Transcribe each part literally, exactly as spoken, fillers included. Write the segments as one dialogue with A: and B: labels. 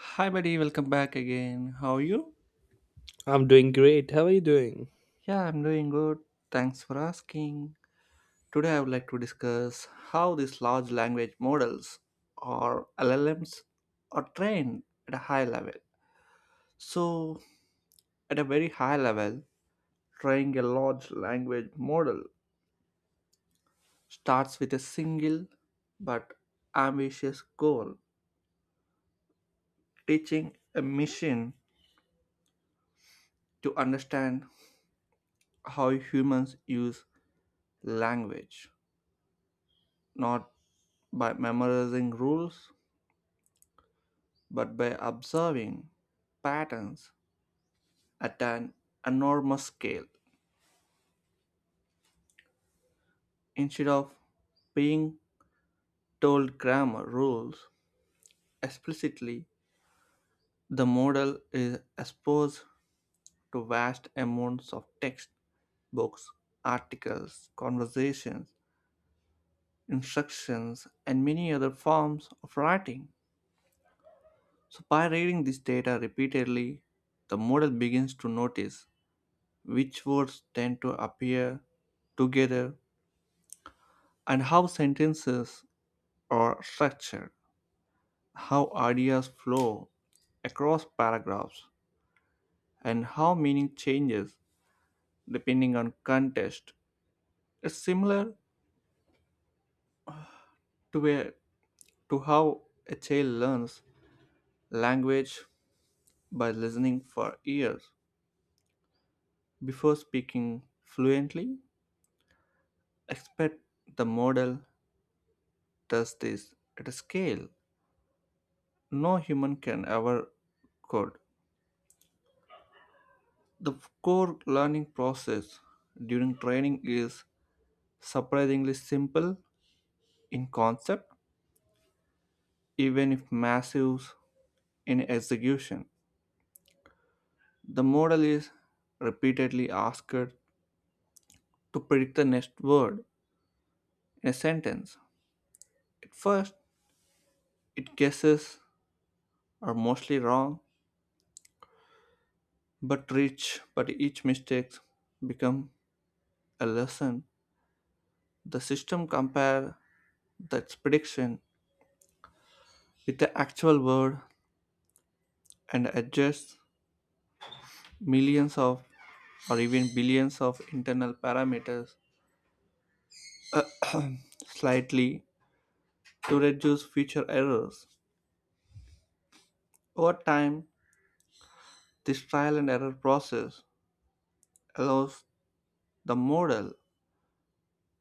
A: Hi, buddy. Welcome back again. How are you?
B: I'm doing great. How are you doing?
A: Yeah, I'm doing good. Thanks for asking. Today, I would like to discuss how these large language models or L L Ms are trained at a high level. So, at a very high level, training a large language model starts with a single but ambitious goal teaching a machine to understand how humans use language, not by memorizing rules, but by observing patterns at an enormous scale. Instead of being told grammar rules explicitly, the model is exposed to vast amounts of text, books, articles, conversations, instructions, and many other forms of writing. So, by reading this data repeatedly, the model begins to notice which words tend to appear together, and how sentences are structured, how ideas flow across paragraphs, and how meaning changes depending on context. It's similar to, a, to how a child learns language by listening for years before speaking fluently. Expect the model does this at a scale no human can ever could. The core learning process during training is surprisingly simple in concept, even if massive in execution. The model is repeatedly asked to predict the next word in a sentence. At first, its guesses are mostly wrong but rich, but each mistake becomes a lesson. The system compares the prediction with the actual word and adjusts millions of or even billions of internal parameters slightly to reduce future errors. Over time, this trial and error process allows the model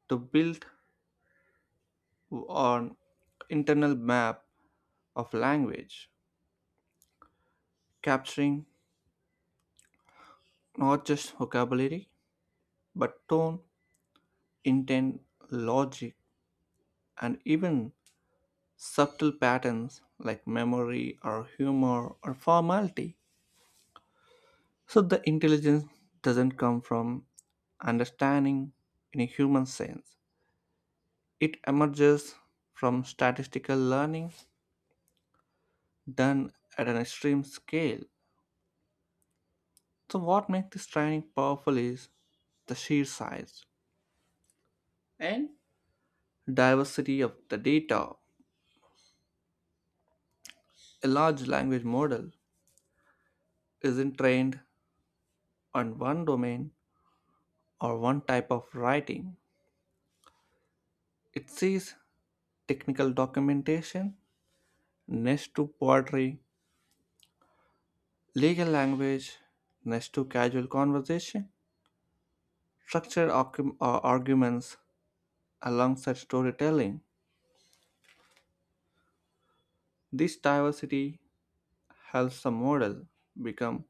A: to build on internal map of language, capturing not just vocabulary but tone, intent, logic, and even subtle patterns like memory or humor or formality. So the intelligence doesn't come from understanding in a human sense. It emerges from statistical learning done at an extreme scale. So what makes this training powerful is the sheer size and diversity of the data. A large language model isn't trained on one domain or one type of writing. It sees technical documentation next to poetry. Legal language, next to casual conversation, structured argu- uh, arguments alongside storytelling. This diversity helps the model become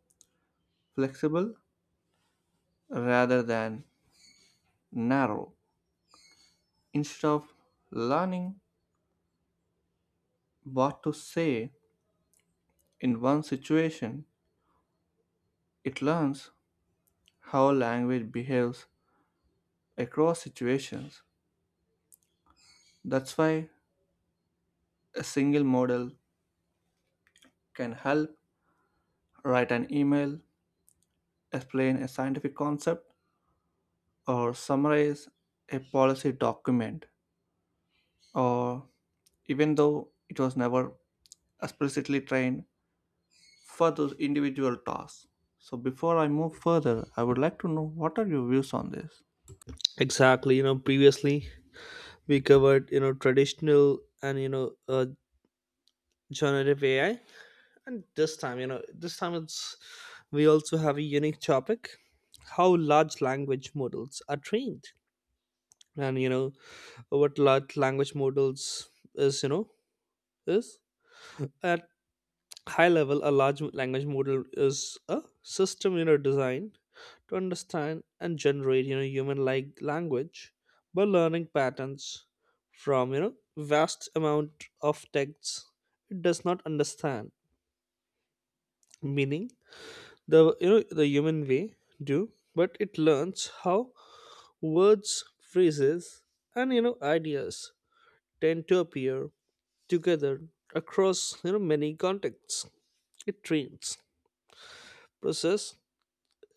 A: flexible rather than narrow. Instead of learning what to say in one situation, it learns how language behaves across situations. That's why a single model can help write an email, explain a scientific concept, or summarize a policy document, or even though it was never explicitly trained for those individual tasks. So, before I move further, I would like to know what are your views on this?
B: Exactly. You know, previously we covered, you know, traditional and, you know, uh, generative A I. And this time, you know, this time it's, we also have a unique topic how large language models are trained. And, you know, what large language models is, you know, is. And high level, a large language model is a system you know designed to understand and generate you know human like language by learning patterns from you know vast amount of texts. It does not understand meaning the you know the human way do, but it learns how words, phrases, and you know ideas tend to appear together across you know many contexts. It trains process.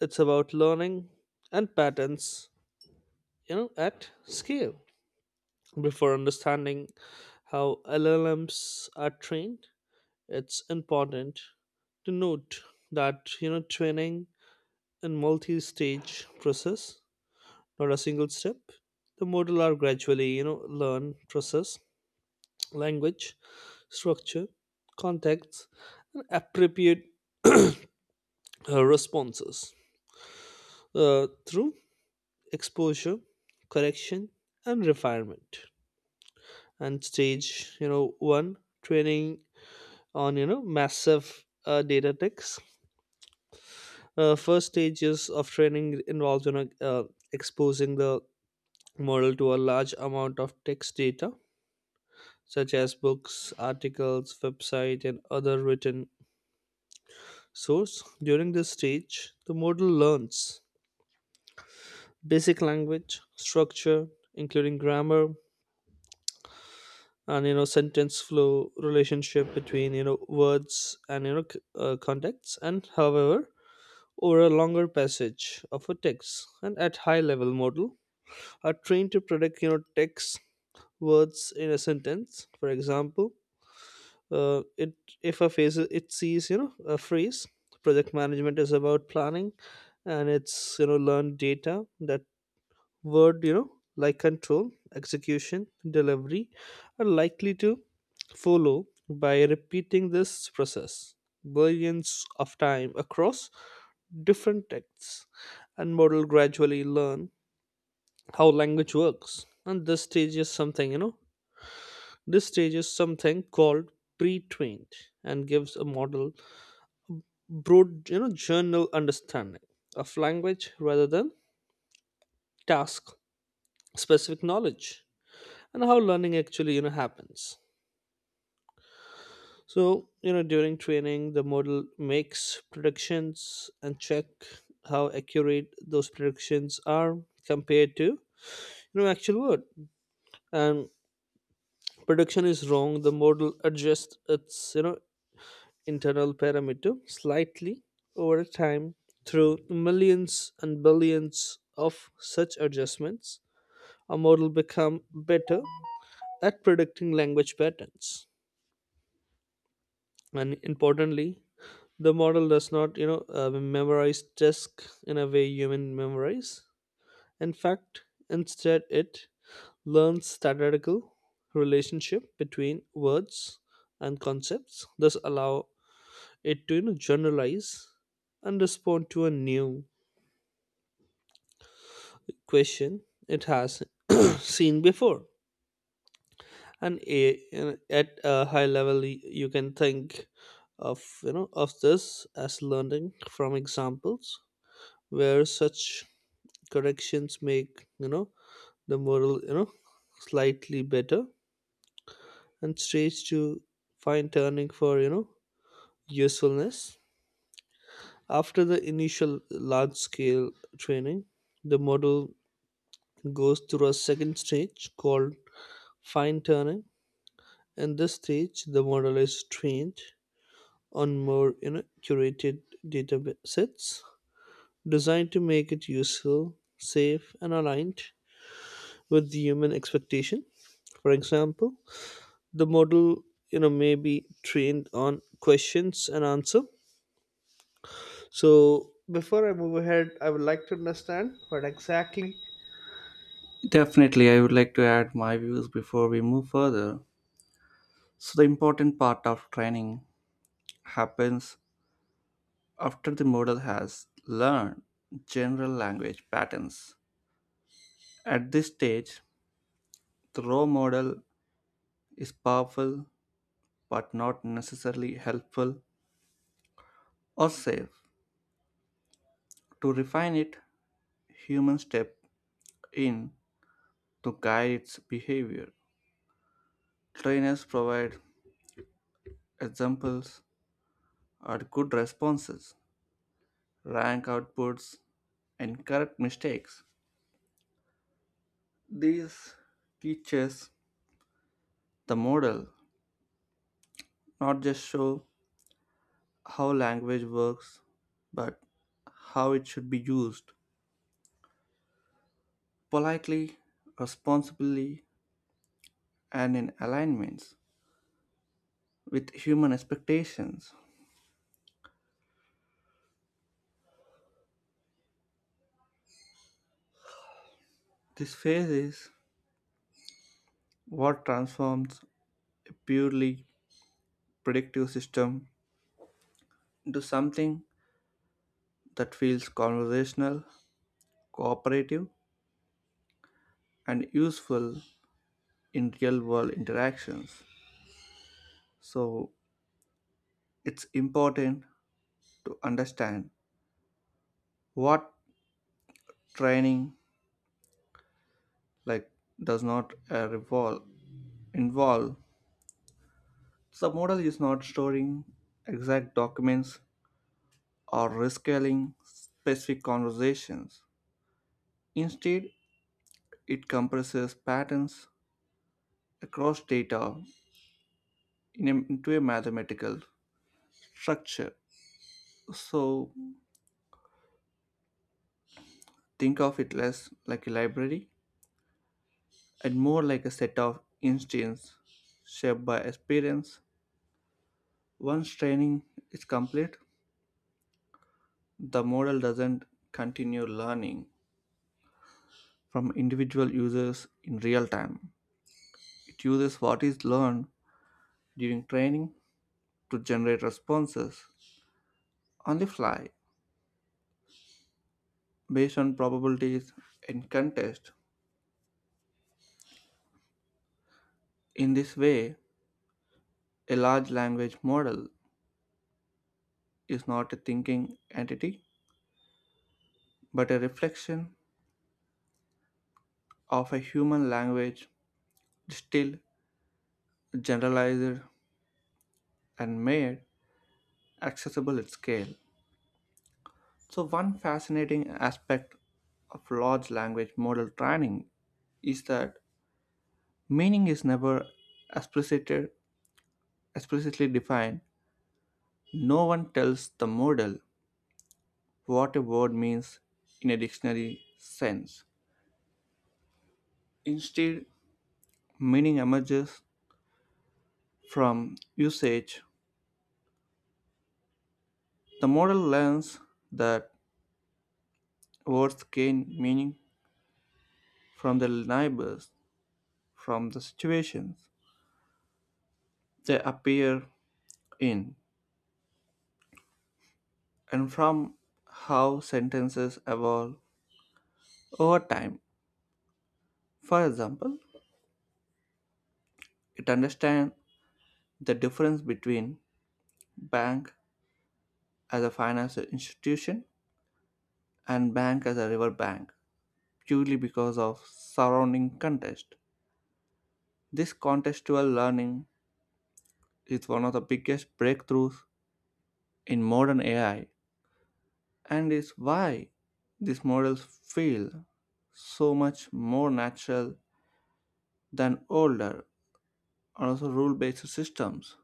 B: It's about learning and patterns, you know, at scale. Before understanding how L L Ms are trained, it's important to note that you know training in multi-stage process, not a single step. The model are gradually you know learn process, language, structure, context, and appropriate uh, responses uh, through exposure, correction, and refinement. And stage you know one training on you know massive uh, data techs. Uh, first stages of training involves you know uh, exposing the model to a large amount of text data, such as books, articles, website, and other written source. During this stage the model learns basic language structure including grammar and you know sentence flow, relationship between you know words and you know c- uh, contexts. And however, over a longer passage of a text and at high level, model are trained to predict you know text words in a sentence. For example, uh, it if a phase it sees you know a phrase project management is about planning, and it's you know learned data that word you know like control, execution, delivery are likely to follow by repeating this process billions of time across Different texts and model gradually learn how language works. And this stage is something, you know, this stage is something called pre-trained and gives a model broad, you know, general understanding of language rather than task specific knowledge and how learning actually, you know, happens. So, you know, during training, the model makes predictions and check how accurate those predictions are compared to you know actual word. And prediction is wrong, the model adjusts its you know internal parameter slightly over time through millions and billions of such adjustments. A model become better at predicting language patterns, and importantly, the model does not you know uh, memorize task in a way human memorize. In fact, instead it learns statistical relationship between words and concepts. Thus allow it to you know generalize and respond to a new question it has seen before, and a, and at a high level y- you can think of you know of this as learning from examples where such corrections make you know the model you know slightly better. And stage to fine tuning for you know usefulness. After the initial large scale training, the model goes through a second stage called fine tuning. In this stage, the model is trained on more you know, curated data sets designed to make it useful, safe, and aligned with the human expectation. For example, the model you know may be trained on questions and answer. So before I move ahead, I would like to understand what exactly.
A: Definitely, I would like to add my views before we move further. So, the important part of training happens after the model has learned general language patterns. At this stage, the raw model is powerful but not necessarily helpful or safe. To refine it, humans step in to guide its behavior. Trainers provide examples or good responses, rank outputs, and correct mistakes. These teaches the model not just show how language works, but how it should be used politely, responsibly, and in alignments with human expectations. This phase is what transforms a purely predictive system into something that feels conversational, cooperative, and useful in real world interactions. So, it's important to understand what training like does not uh, revolve involve. The model is not storing exact documents or rescaling specific conversations. Instead, it compresses patterns across data in a, into a mathematical structure. So think of it less like a library and more like a set of instances shaped by experience. Once training is complete, the model doesn't continue learning from individual users in real time. It uses what is learned during training to generate responses on the fly based on probabilities and context. In this way, a large language model is not a thinking entity, but a reflection of a human language distilled, generalized, and made accessible at scale. So, one fascinating aspect of large language model training is that meaning is never explicit, explicitly defined. No one tells the model what a word means in a dictionary sense. Instead, meaning emerges from usage, the model learns that words gain meaning from their neighbors, from the situations they appear in, and from how sentences evolve over time. For example, it understands the difference between bank as a financial institution and bank as a river bank purely because of surrounding context. This contextual learning is one of the biggest breakthroughs in modern A I and is why these models feel so much more natural than older and also rule based systems.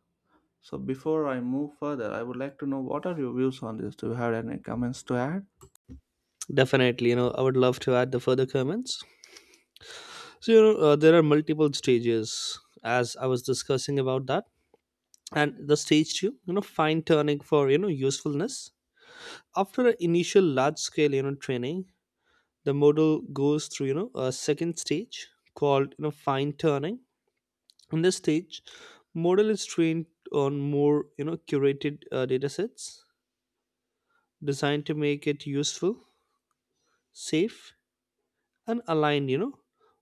A: So before I move further, I would like to know what are your views on this? Do you have any comments to add?
B: Definitely, you know, I would love to add the further comments. So you know, uh, there are multiple stages, as I was discussing about that, and the stage two, you know, fine tuning for you know usefulness. After an initial large scale, you know, training, the model goes through you know a second stage called you know fine tuning. In this stage, model is trained on more you know curated uh, data sets designed to make it useful, safe, and aligned you know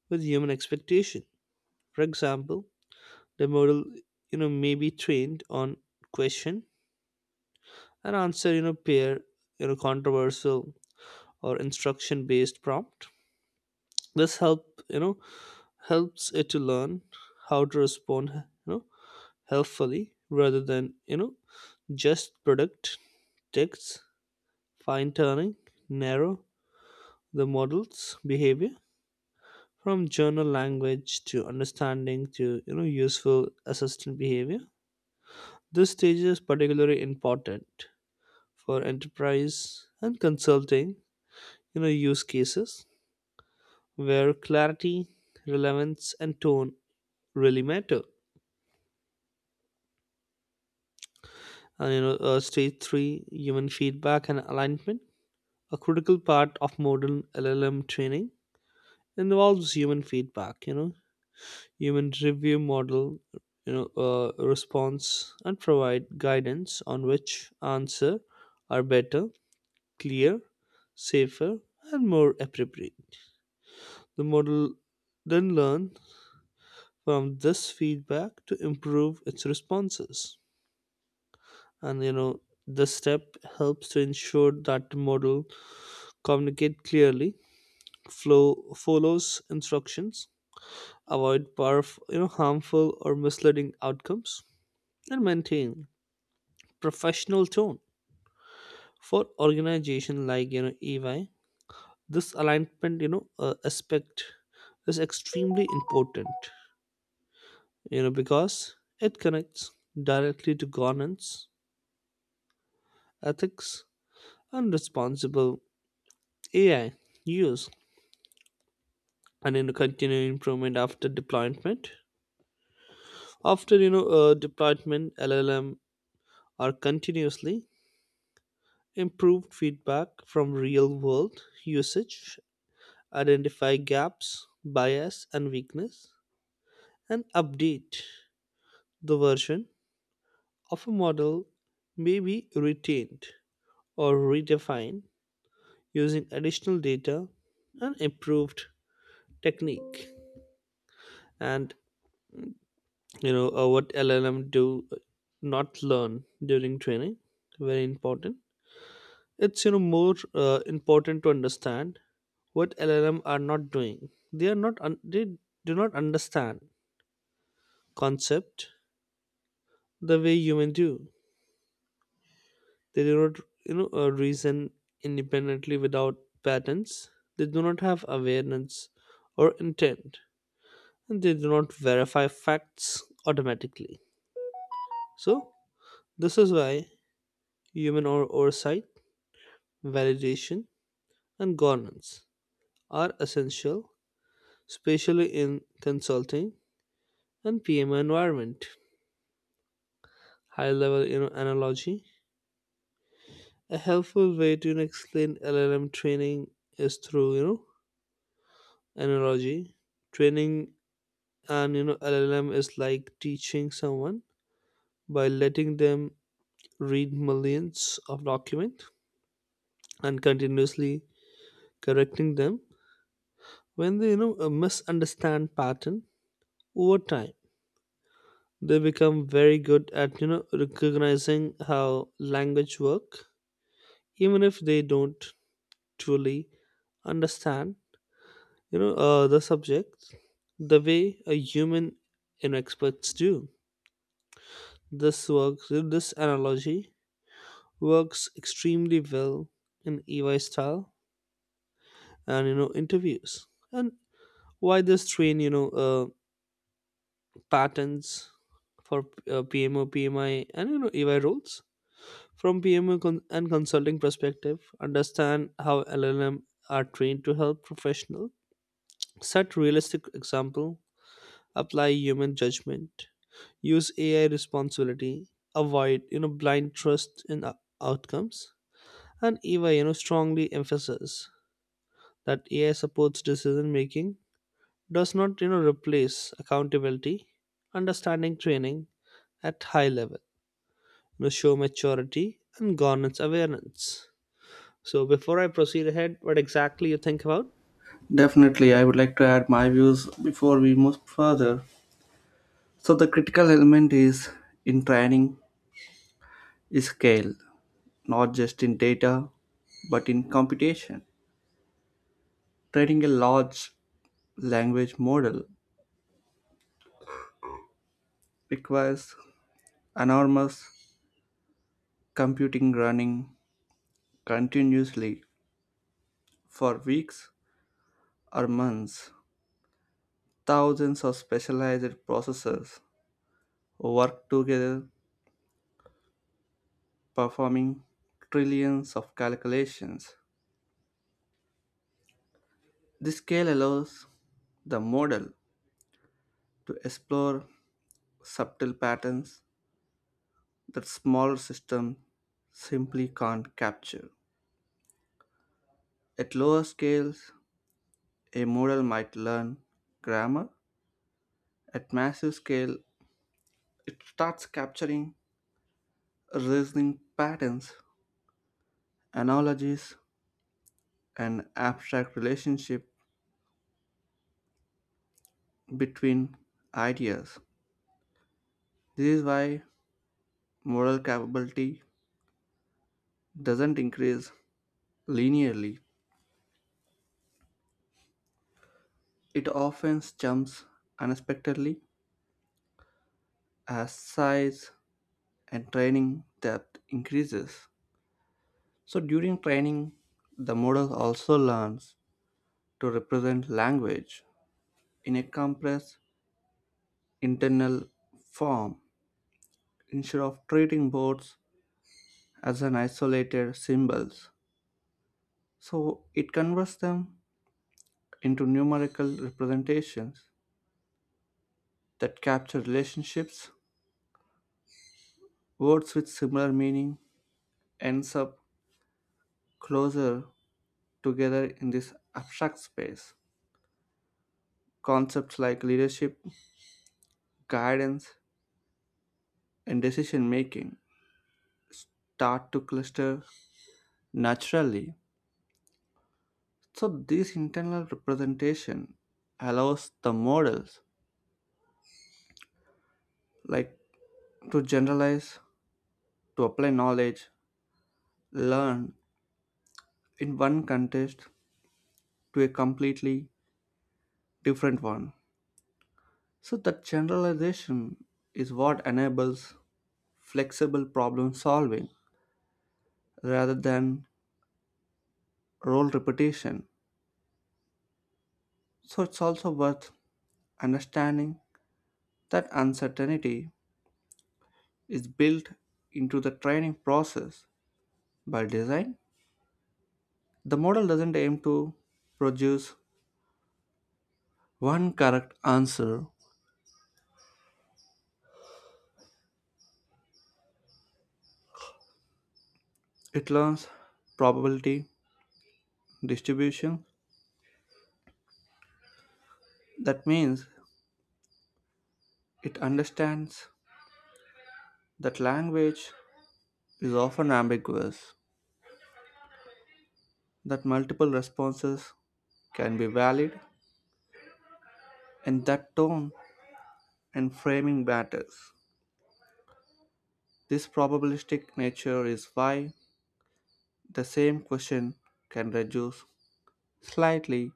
B: with human expectation. For example, the model you know may be trained on question and answer you know pair, you know controversial or instruction based prompt. This help you know helps it to learn how to respond you know helpfully rather than you know just predict text. Fine tuning narrow the model's behavior from journal language to understanding to you know useful assistant behavior. This stage is particularly important for enterprise and consulting you know use cases where clarity, relevance, and tone really matter. And you know uh, stage three, human feedback and alignment. A critical part of modern llm training involves human feedback. You know human review model you know uh, response and provide guidance on which answer are better, clear, safer, and more appropriate. The model then learn from this feedback to improve its responses. And you know, this step helps to ensure that the model communicate clearly, flow follows instructions, avoid powerf- you know harmful or misleading outcomes, and maintain professional tone. For organization like you know E Y, this alignment you know uh, aspect is extremely important. You know because it connects directly to governance, ethics, and responsible A I use, and in continuing improvement after deployment. After you know uh, deployment, L L M are continuously improved feedback from real world usage, identify gaps, bias, and weakness, and update the version of a model may be retained or redefined using additional data and improved technique. And you know uh, what llm do uh, not learn during training, very important. It's you know more uh, important to understand what llm are not doing. They are not un- they do not understand concept the way humans do. They do not you know uh, reason independently without patterns. They do not have awareness or intent, and they do not verify facts automatically. So this is why human or oversight, validation, and governance are essential, especially in consulting and P M O environment. High level, you know, analogy. A helpful way to you know, explain L L M training is through you know analogy. Training and you know L L M is like teaching someone by letting them read millions of documents and continuously correcting them when they you know uh, misunderstand pattern over time. They become very good at, you know, recognizing how language work, even if they don't truly understand, you know, uh, the subject the way a human you know, experts do. This works. This analogy works extremely well in E Y style and you know interviews. And why this train you know uh, patterns for uh, P M O, P M I, and you know EY roles? From P M O con- and consulting perspective, understand how L L M are trained to help professional. Set realistic example, apply human judgment, use A I responsibility, avoid you know blind trust in o- outcomes, and Eva you know strongly emphasize that A I supports decision making, does not you know replace accountability, understanding training at high level, you know, show maturity and governance awareness. So before I proceed ahead, what exactly you think about?
A: Definitely, I would like to add my views before we move further. So the critical element is in training is scale, not just in data, but in computation. Training a large language model requires enormous computing running continuously for weeks or months. Thousands of specialized processors work together, performing trillions of calculations. The scale allows the model to explore subtle patterns that smaller systems simply can't capture. At lower scales, a model might learn grammar. At massive scale, it starts capturing reasoning patterns, analogies, and abstract relationship between ideas. This is why moral capability doesn't increase linearly. It often jumps unexpectedly as size and training depth increases. So during training, the model also learns to represent language in a compressed internal form instead of treating words as an isolated symbols. So it converts them into numerical representations that capture relationships. Words with similar meaning ends up closer together in this abstract space. Concepts like leadership, guidance, and decision making start to cluster naturally. So this internal representation allows the models like to generalize, to apply knowledge, learn in one context to a completely different one. So, that generalization is what enables flexible problem solving rather than role repetition. So, it's also worth understanding that uncertainty is built into the training process by design. The model doesn't aim to produce one correct answer, it learns probability distribution. That means it understands that language is often ambiguous, that multiple responses can be valid, and that tone and framing matters. This probabilistic nature is why the same question can reduce slightly,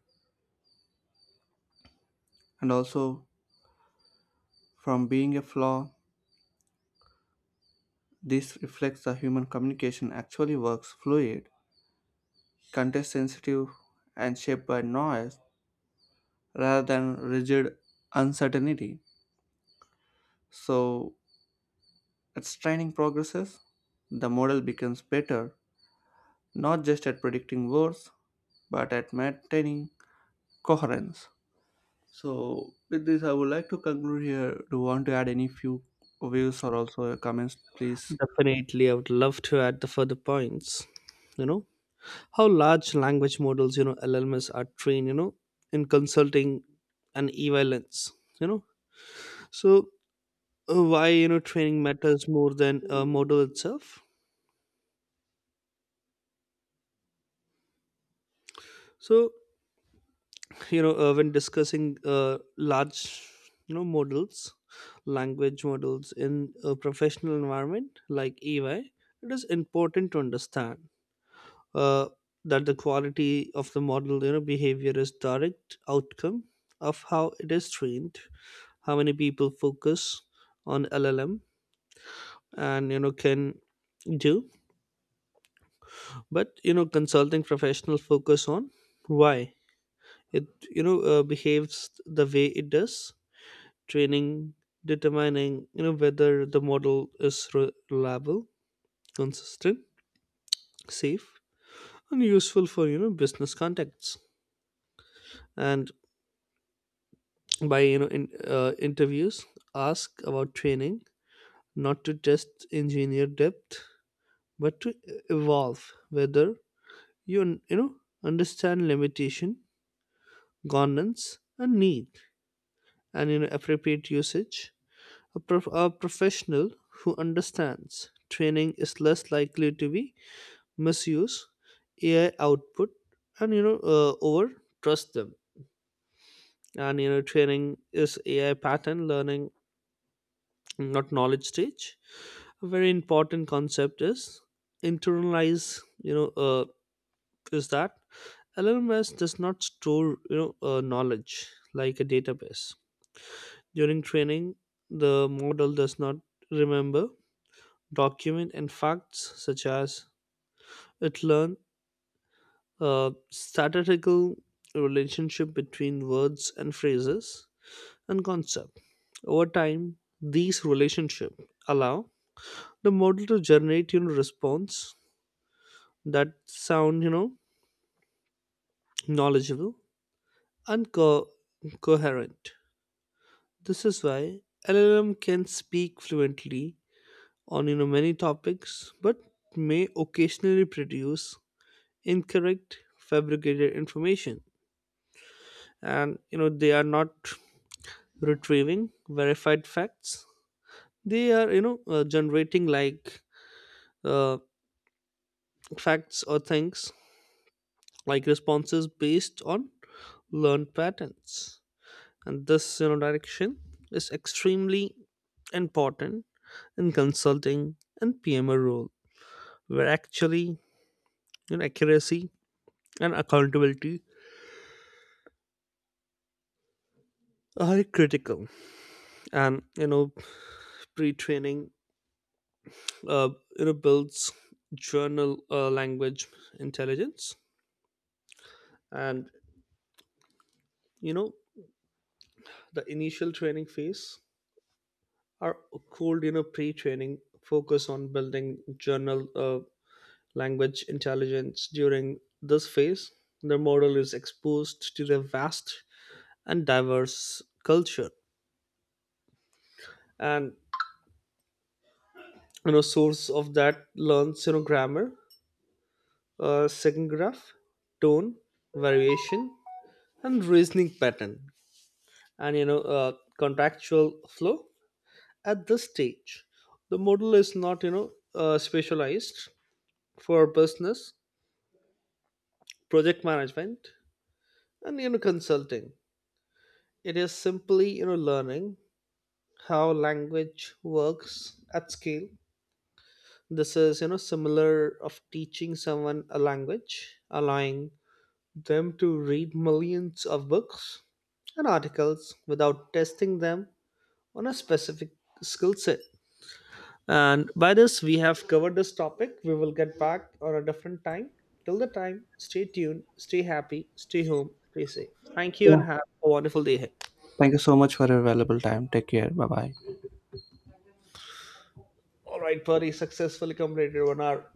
A: and also from being a flaw, this reflects how human communication actually works fluid, context sensitive, and shaped by noise rather than rigid uncertainty. So, as training progresses, the model becomes better not just at predicting words but at maintaining coherence. So, with this, I would like to conclude here. Do you want to add any few views or also comments, please?
B: Definitely, I would love to add the further points. You know how large language models, you know, L L Ms are trained, you know, in consulting and evaluations. You know, so uh, why you know training matters more than a model itself. So you know uh, when discussing uh, large you know models, language models in a professional environment like E Y, it is important to understand uh, that the quality of the model you know behavior is direct outcome of how it is trained. How many people focus on llm and you know can do, but you know consulting professional focus on why it you know uh, behaves the way it does. Training determining you know whether the model is re- reliable, consistent, safe, and useful for you know business contexts. And by you know in uh, interviews, ask about training not to test engineer depth, but to evolve whether you you know understand limitation, governance, and need, and you know appropriate usage. A, prof- a professional who understands training is less likely to be misuse ai output and you know uh, over trust them. And you know training is ai pattern learning, not knowledge stage. A very important concept is internalize, you know uh, is that L M S does not store you know uh, knowledge like a database. During training, the model does not remember document and facts, such as it learned a statistical relationship between words and phrases and concept. Over time these relationship allow the model to generate you know response that sound you know knowledgeable and co- coherent. This is why L L M can speak fluently on you know many topics, but may occasionally produce incorrect, fabricated information. And you know they are not retrieving verified facts. They are you know uh, generating like uh, facts or things like responses based on learned patterns. And this you know direction is extremely important in consulting and P M O role, where actually, you know, accuracy and accountability are critical. And you know, pre-training, uh, you know builds journal uh, language intelligence. And you know the initial training phase are called you know pre-training focus on building journal uh, language intelligence during this phase. The model is exposed to the vast and diverse culture and you know source of that learns you know grammar, uh, second graph, tone variation, and reasoning pattern, and you know uh, contractual flow. At this stage the model is not you know uh, specialized for business, project management, and you know consulting. It is simply you know learning how language works at scale. This is, you know, similar of teaching someone a language, allowing them to read millions of books and articles without testing them on a specific skill set. And by this, we have covered this topic. We will get back on a different time. Till the time, stay tuned, stay happy, stay home, stay safe. Thank you and
A: Yeah.
B: have a wonderful day ahead.
A: Thank you so much for your valuable time. Take care. Bye bye.
B: All right, buddy, successfully completed one hour.